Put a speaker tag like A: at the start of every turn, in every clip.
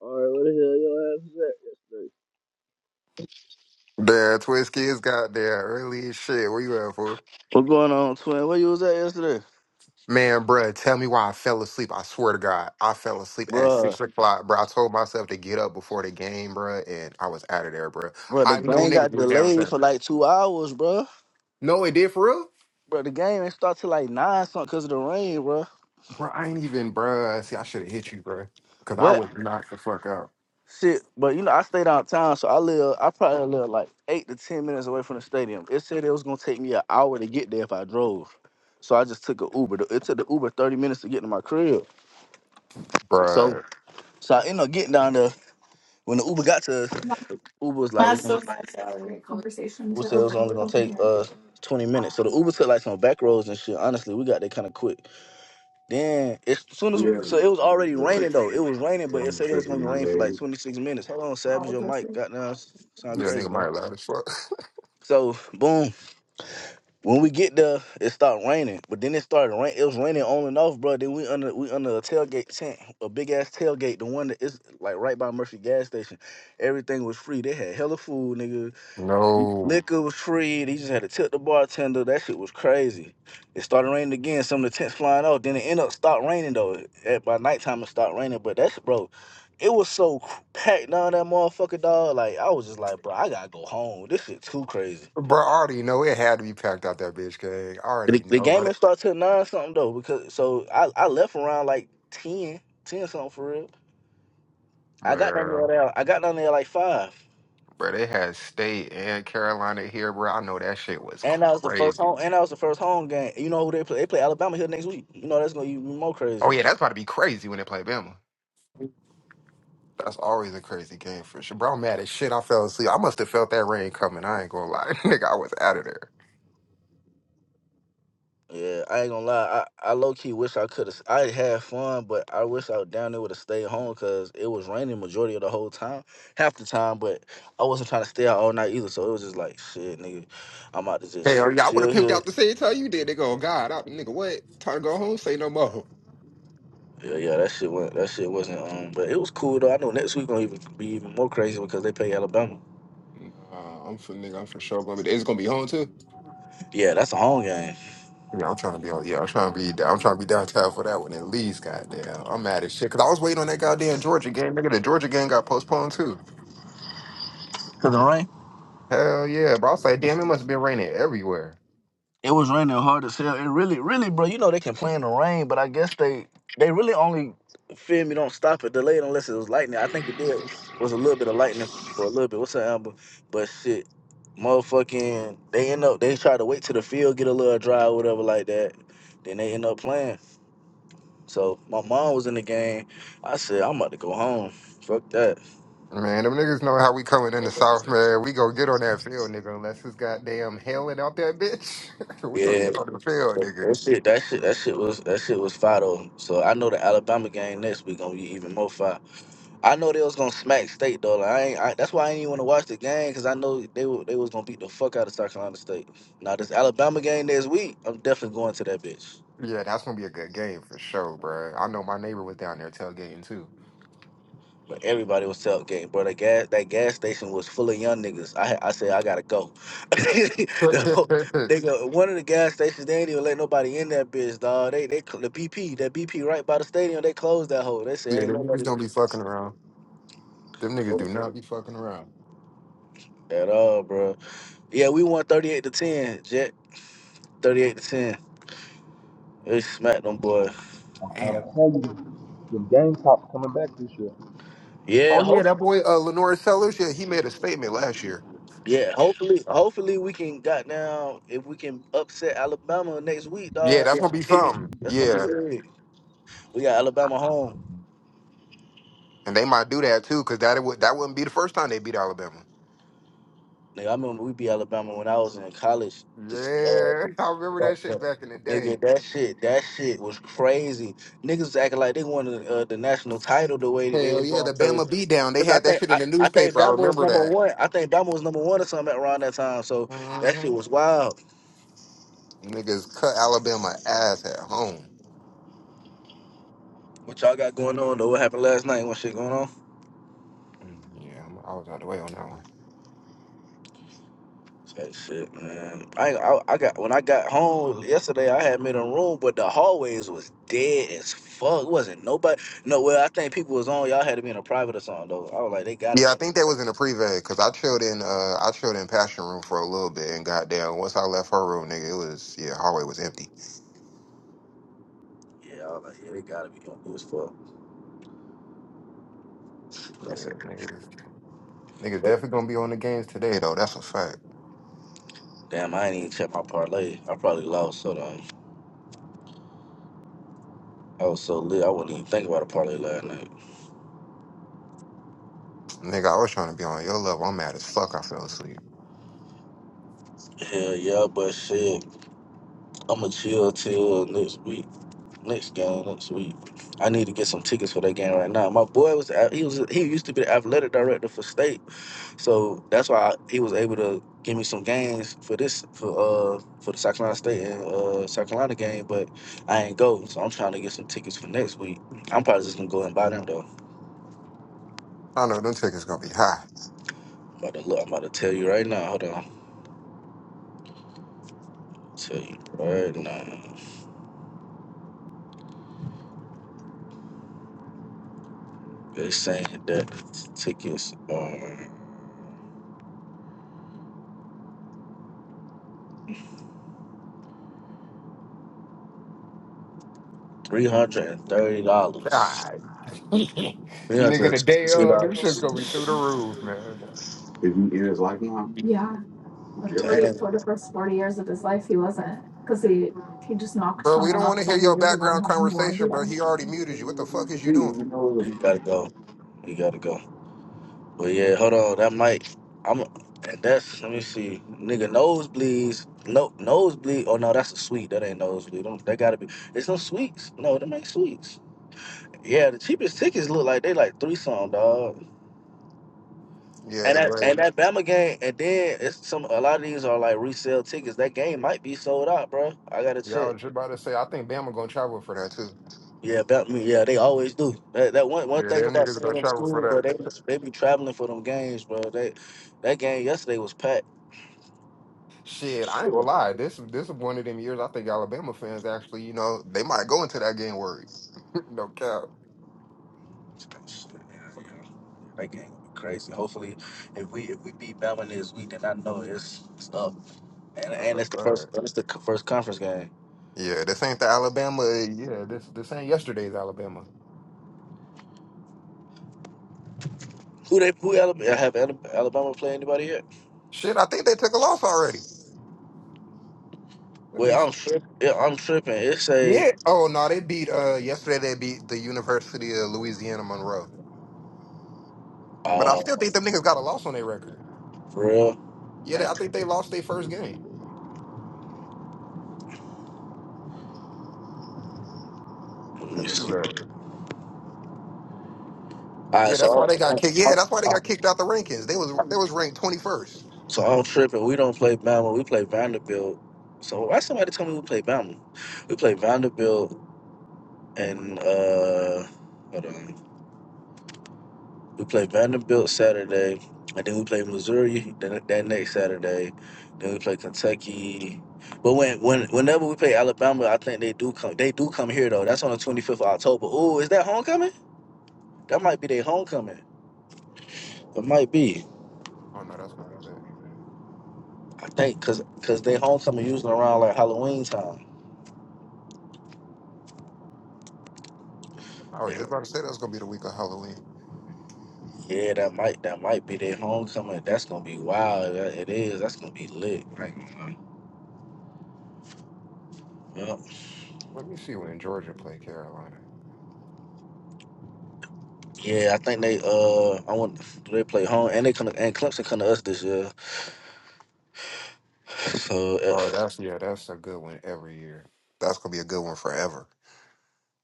A: All right, where the hell your ass was at yesterday?
B: Damn, Twist Kids got there early as shit. Where you at, fool?
A: What's going on, twin? Where you was at yesterday?
B: Man, bruh, tell me why I fell asleep. I swear to God, I fell asleep at
A: Bruh.
B: six o'clock, bruh. I told myself to get up before the game, bruh, and I was out of there, bruh.
A: Bruh, the
B: I know
A: game
B: niggas
A: got
B: were
A: delayed
B: downtown.
A: for like two hours, bruh.
B: No, it did for real,
A: Bruh, the game ain't start till like nine something because of the rain, bruh.
B: bruh. I ain't even, bruh. See, I should have hit you, bruh, because I
A: But
B: would knock the fuck out,
A: shit, but you know, I stayed downtown, so I live I probably live like eight to ten minutes away from the stadium. It said it was gonna take me an hour to get there if I drove. So I just took an Uber. The- It took the Uber 30 minutes to get to my crib. So
B: bruh.
A: so I ended up getting down there. When the Uber got to us, Uber was
C: That's
A: like,
C: so much a great conversation
A: Uber
C: to
A: said it was
C: over
A: only gonna
C: over
A: take
C: here.
A: us twenty minutes. So the Uber took like some back roads and shit. Honestly, we got there kind of quick. Then as soon as we,
C: Yeah,
A: so it was
C: I'm
A: already raining though. It
C: relationship.
A: was raining, but it
C: And
A: said it was
C: especially
A: gonna
C: my
A: rain for like twenty six minutes. Hold on, Savage,
C: All of
A: your
C: this.
A: mic. Goddamn, sound
B: Yeah,
C: Is
A: crazy,
B: nigga might
A: man.
B: have loud as fuck.
A: So boom, when we get there, it stopped raining. But then it started rain. It was raining on and off, bro. Then we under we under a tailgate tent, a big ass tailgate, the one that is like right by Murphy gas station. Everything was free. They had hella food, nigga.
B: no,
A: Liquor was free. They just had to tip the bartender. That shit was crazy. It started raining again. Some of the tents flying out. Then it ended up stopped raining though. At, by nighttime it stopped raining. But that's bro, it was so cr- packed down that motherfucker dog. Like I was just like, bro, I gotta go home. This shit too crazy.
B: bro, I already know it had to be packed out that bitch, gang. I already
A: The, the
B: know,
A: game
B: bro,
A: didn't start till nine something though. Because so I, I left around like 10 10 something for real. I got down
B: man.
A: there. like, I got down there like five.
B: Bro, they had State and Carolina here, bro. I know that shit was
A: And that was the first
B: crazy.
A: home. And that was the first home game. You know who they play? They play Alabama here next week. You know that's gonna be more
B: Oh
A: crazy.
B: yeah, that's about to be crazy when they play Bama. That's always a crazy game for sure. Bro, I'm mad as shit. I fell asleep. I must have felt that rain coming. I ain't gonna lie. nigga, I was out of there.
A: Yeah, I ain't gonna lie. I, I low key wish I could have. I had fun, but I wish I was down there would have stayed home because it was raining majority of the whole time, half the time. But I wasn't trying to stay out all night either, so it was just like shit, nigga. I'm out to just
B: Hell yeah, I would have
A: chill
B: pimped
A: here.
B: out the same time you did. They go, God, I, nigga, what? Time to go home? Say no more.
A: Yeah, yeah. That shit went. That shit wasn't. Um, but it was cool though. I know next week gonna even be even more crazy because they play Alabama.
B: Nah, I'm for nigga, I'm for sure gonna be. It's gonna be home too.
A: Yeah, that's a home game.
B: Yeah, I'm trying to be on. Yeah, I'm trying to be. down- I'm trying to be downtown for that one at least. Goddamn, I'm mad as shit because I was waiting on that goddamn Georgia game. Nigga, the Georgia game got postponed too.
A: Cause the rain.
B: Hell yeah, bro. I say, damn, it must have been raining everywhere.
A: It was raining hard as hell. It really, really, bro. You know they can play in the rain, but I guess they they really only feel me. Don't stop it, delay it unless it was lightning. I think it did was a little bit of lightning for a little bit. What's up, Amber? But shit, motherfucking, they end up they try to wait till the field get a little dry or whatever like that. Then they end up playing. So my mom was in the game. I said I'm about to go home. Fuck that.
B: Man, them niggas know how we coming in the South, man. We gonna get on that field, nigga, unless it's goddamn hailing out that bitch. we gonna
A: Yeah.
B: get on the field, nigga.
A: That shit, that shit, that shit was that shit was fire though. So I know the Alabama game next week gonna be even more fire. I know they was gonna smack State though. Like, I, ain't, I that's why I ain't even want to watch the game because I know they wa- they was gonna beat the fuck out of South Carolina State. Now this Alabama game this week, I'm definitely going to that bitch.
B: Yeah, that's gonna be a good game for sure, bro. I know my neighbor was down there tailgating too.
A: But everybody was tailgating, bro. That gas that gas station was full of young niggas. I had- I said I gotta go.
B: yeah,
A: the whole, nigga, one of the gas stations they ain't even let nobody in that bitch, dog. They they cl- the BP that BP right by the stadium they closed that hole. They said ain't
B: them niggas
A: nobody
B: don't be fucking around. Them niggas do not be fucking around.
A: at all, bro. Yeah, we won thirty eight to ten. Jet thirty eight to ten. They smack them boys.
D: i to
B: Damn.
D: tell you, your game cop's coming back this year.
A: Yeah,
B: Oh yeah, that
A: hopefully.
B: boy uh Lenora Sellers, yeah, he made a statement last year.
A: Yeah, hopefully, hopefully we can got down if we can upset Alabama next week, dog.
B: Yeah, that's
A: That's
B: gonna
A: gonna
B: be
A: be big.
B: something.
A: That's gonna be
B: Yeah.
A: big. We got Alabama home.
B: And they might do that too, cause that would that wouldn't be the first time they beat Alabama.
A: Nigga, I remember we beat Alabama when I was in college. This, uh,
B: Yeah, I remember that shit back in the day.
A: nigga, that shit, that shit was crazy. Niggas was acting like they won the, uh, the national title the way that they were
B: Hell yeah, the
A: going crazy.
B: Bama beatdown. They
A: Cause I
B: had that
A: think
B: shit
A: I,
B: in the
A: I think
B: newspaper. I
A: Bama was
B: remember
A: number
B: that.
A: one. I think Bama was number one or something around that time. So that
B: hmm
A: shit was wild.
B: Niggas cut Alabama ass at home.
A: What y'all got going on? Though what happened last night? What shit going on?
B: Mm, Yeah, I'm, I was out the way on that one.
A: That shit, man. I, I I got when I got home yesterday, I had made a room, but the hallways was dead as fuck. Wasn't nobody. No, well, I think people was on. Y'all had to be in a private or something though. I was like, they gotta
B: Yeah,
A: be
B: I
A: in a
B: think that
A: private.
B: was in the pre-vet because I chilled in uh I chilled in passion room for a little bit and goddamn once I left her room, nigga, it was yeah hallway was empty.
A: Yeah, I was like, yeah, they gotta be on this fuck. That's
B: Yeah,
A: it.
B: niggas, niggas definitely gonna be on the games today though. That's a fact,
A: Damn, I ain't even check my parlay. I probably lost. So on. I was so lit, I wouldn't even think about a parlay last night.
B: nigga. I was trying to be on your level. I'm mad as fuck. I fell asleep.
A: Hell yeah, but shit, I'ma chill till next week. Next game next week. I need to get some tickets for that game right now. My boy was he was he used to be the athletic director for state, so that's why I- he was able to give me some games for this for uh for the South Carolina State and uh South Carolina game. But I ain't go, so I'm trying to get some tickets for next week. I'm probably just gonna go and buy them though.
B: I know them tickets gonna be high.
A: I'm about to look. I'm about to tell you right now. Hold on. Tell you right now. They saying that tickets are three hundred and thirty dollars.
B: God.
A: Three
B: Nigga, the
A: hundred and
B: day
A: thirty
B: of, this shit's
A: dollars.
B: gonna be through the roof, man.
C: he in his life now? Yeah, like Yep. forty
A: Damn.
C: for the first forty years of his life, he wasn't because he he just knocked
B: Bro, we
C: someone
B: don't
C: up
B: want to hear
C: forty
B: your
C: years ago and
B: background
C: had no
B: conversation,
C: idea.
B: bro. He already muted you. What the fuck is you
C: Didn't even
B: doing?
C: know.
A: He gotta go. He gotta go. But yeah, hold on. That might. I'm. And that's. Let me see. Nigga, nosebleeds. No nosebleed. Oh no, that's a sweet. That ain't nosebleed. Don't, that gotta be. It's no sweets. No, them ain't sweets. Yeah, the cheapest tickets look like they like three some dog.
B: Yeah,
A: And that and
B: bro.
A: that Bama game. And then it's some. A lot of these are like resale tickets. That game might be sold out, bro. I gotta
B: Yeah, I
A: check.
B: was just about to say, I think Bama gonna travel for that too.
A: Yeah, about me. Yeah, they always do. That, that one one
B: Yeah,
A: thing
B: them
A: about
B: niggas
A: some of
B: gonna
A: them
B: travel for
A: schools, bro, they
B: that.
A: they be traveling for them games, bro. They that game yesterday was packed.
B: Shit, I
A: Shit.
B: ain't gonna
A: That
B: lie. This this is one of them years I think Alabama fans actually, you know, they might go into that game worried. no cap.
A: game gonna be crazy. Hopefully, if we if we beat Bama this week, then I know it's stuff. And
B: That's
A: and
B: a
A: it's the first
B: fact.
A: it's the c- first conference game.
B: Yeah, this ain't the Alabama. Yeah, this this ain't yesterday's Alabama.
A: Who they who Alabama have Ala- Alabama play anybody yet?
B: Shit, I think they took a loss already. Let me
A: Well, I'm tripping. Yeah, I'm tripping. It's a
B: Yeah. Oh no, they beat uh yesterday they beat the University of Louisiana Monroe. But I
A: uh
B: still think them niggas got a loss on their record.
A: for real.
B: Yeah, they-
A: Man,
B: I think they lost their first game.
A: let
B: I
A: me
B: mean
A: see.
B: Right.
A: All right,
B: Yeah, that's
A: so
B: why they got kicked. Yeah,
A: I'm,
B: that's why they got kicked out the rankings. They was
A: I'm,
B: they was ranked twenty first.
A: So I'm tripping. We don't play Bama. We play Vanderbilt. So why somebody tell me we play Bama? We play Vanderbilt and uh, hold on. We play Vanderbilt Saturday, and then we play Missouri that, that next Saturday. Then we play Kentucky. But when, when whenever we play Alabama, I think they do come. They do come here though. That's on the 25th of October. Ooh, is that homecoming? That might be their homecoming. It might be.
B: Oh no, that's gonna be lit.
A: I think because because they homecoming usually around like Halloween time.
B: I was just about to say that's gonna be the week of Halloween.
A: Yeah, that might that might be their homecoming. That's gonna be wild. That- It is. That's gonna be lit. Like, yeah,
B: Let me see when Georgia play Carolina.
A: yeah. I think they uh, I want do they play home and they come to, and Clemson come to us this year. So uh,
B: Oh, that's yeah, that's a good one every year. That's gonna be a good one forever.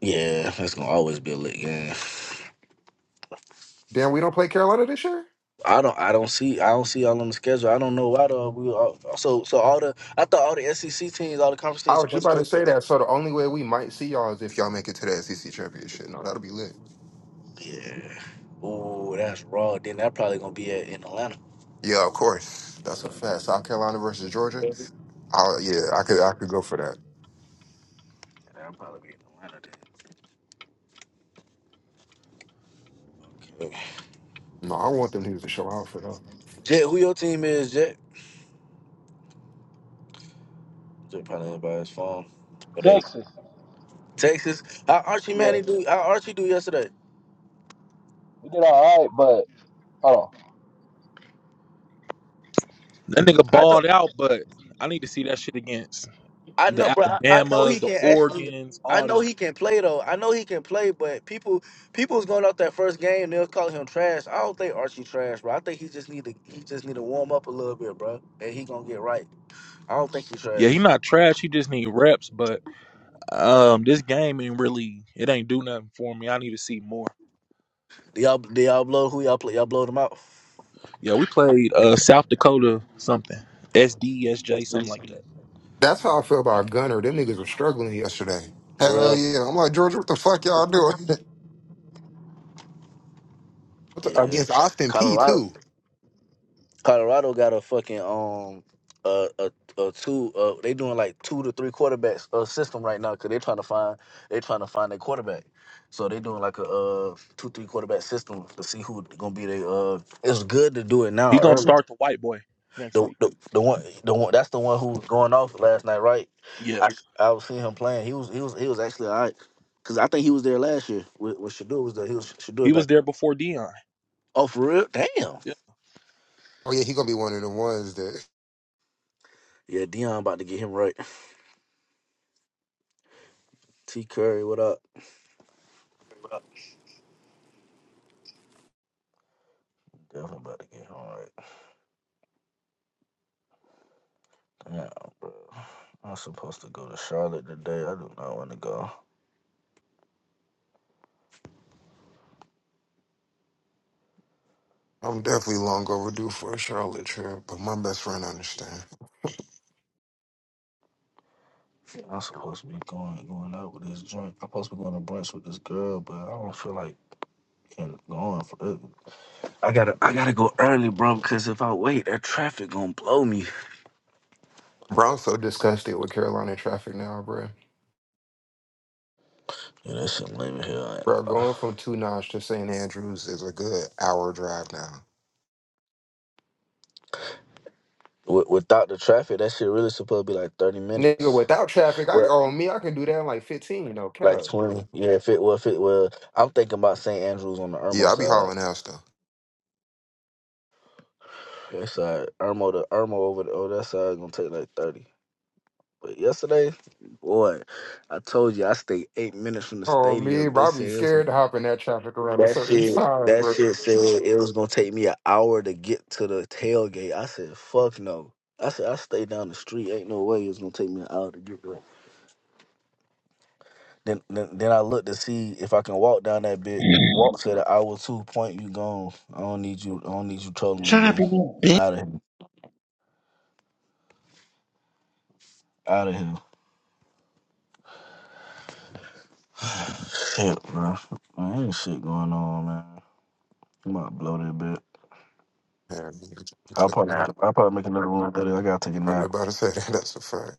A: yeah, that's gonna always be a lit game.
B: Damn, we don't play Carolina this year?
A: I don't I don't see I don't see y'all on the schedule. I don't know why though. We all, so so all the I thought all the SEC teams, all the conference
B: I
A: teams
B: was just
A: supposed to
B: about
A: play
B: to
A: each
B: say
A: other.
B: that. So the only way we might see y'all is if y'all make it to the SEC championship. No, that'll be lit.
A: Yeah. Ooh, that's raw. Then that probably gonna be at, in Atlanta.
B: Yeah, of course. That's a fact. South Carolina versus Georgia.
A: Yeah,
B: I yeah, I could I could go for that.
A: that'll probably be in Atlanta. Then. Okay.
B: No, I want them niggas to show out for that.
A: Jet, who your team is, Jet? Just probably everybody's phone. But they
D: Texas,
A: Texas. How Archie
D: yeah,
A: Manning do? How Archie do yesterday?
D: we did all right, but hold on. That nigga
A: I know.
D: balled out, but I need to see that shit against
A: I
D: the
A: know, bro. I, I know he
D: Alabamas, the
A: can actually.
D: Oregons,
A: I
D: all
A: know
D: them.
A: he can play though. I know he can play, but people people's going out that first game. They'll call him trash. I don't think Archie trash, bro. I think he just need to he just need to warm up a little bit, bro. And he gonna get right. I don't think he
D: Yeah, he
A: trash.
D: not trash. He just need reps, but um, this game ain't really it ain't do nothing for me. I need to see more.
A: Do y'all do y'all blow who y'all play? Y'all blow them out
D: Yeah, we played uh South Dakota something, S D S J
A: Yes,
D: something
A: yes.
D: like that.
B: That's how I feel about Gunner. Them niggas were struggling yesterday.
A: for
B: Hell
A: real.
B: yeah. I'm like, Georgia, what the fuck y'all doing? What the-
A: Yeah,
B: Against Austin P
A: Colorado.
B: too.
A: Colorado got a fucking um a a, a two uh they doing like two to three quarterbacks uh system right now because they trying to find they trying to find their quarterback. So they doing like a uh two three quarterback system to see who gonna be their uh. It's good to do it
D: He
A: now
D: gonna
A: early.
D: start the white boy next
A: The
D: week.
A: the the one the one that's the one who was going off last night, right?
D: Yeah,
A: I I was seeing him playing. He was he was he was actually all right. Cause I think he was there last year. With, with Shador was there. He was Shador
D: he
A: back.
D: was there before Dion.
A: Oh, for real? Damn.
B: Oh yeah, he gonna be one of the ones that
A: Yeah, Dion about to get him right. T Curry, what up?
E: What up?
A: Definitely about to get home right now, bro. I'm supposed to go to Charlotte today. I do not want to go.
B: I'm definitely long overdue for a Charlotte trip, but my best friend understand.
A: I'm supposed to be going going out with this joint. I'm supposed to be going to brunch with this girl, but I don't feel like getting going for it. I gotta I gotta go early, bro, because if I wait, that traffic gonna blow me.
B: Bro, I'm so disgusted with Carolina traffic now, bro.
A: Yeah, that shit lame as hell. I ain't
B: Bro,
A: gonna lie.
B: going from Two to St. Andrews is a good hour drive now.
A: Wi- Without the traffic, that shit really supposed to be like 30
B: Nigga,
A: minutes.
B: without traffic, I
A: Well,
B: oh me, I can do that in like 15, no
A: like
B: cap.
A: 20. Yeah, if it well, if it well, I'm thinking about St. Andrews on the
B: Yeah,
A: Irmo
B: I be
A: side.
B: hauling ass though.
A: That's all right. Irmo the Irmo over the oh that side gonna take like thirty. But yesterday, boy, I told you I stayed eight minutes from the
B: Oh me,
A: stadium. They
B: bro, I be
A: said it was,
B: scared to hop in that traffic around a
A: that
B: certain
A: shit.
B: time,
A: That
B: bro.
A: shit said it was gonna take me an hour to get to the tailgate. I said, "Fuck no." I said, "I stayed down the street. Ain't no way it's gonna take me an hour to get there." Then, then, then I looked to see if I can walk down that bit. Walk said an hour two. Point you gone. I don't need you. I don't need you trolling
F: Shut up,
A: today.
F: you little
A: Out of here. Out of here. Shit, bro. Man, ain't shit going on, man. I'm about to blow that bit.
B: Yeah, I
A: I'll probably,
B: be-
A: I'll probably make another one later. I gotta take a
B: I was
A: nap.
B: about to say that. That's a fact.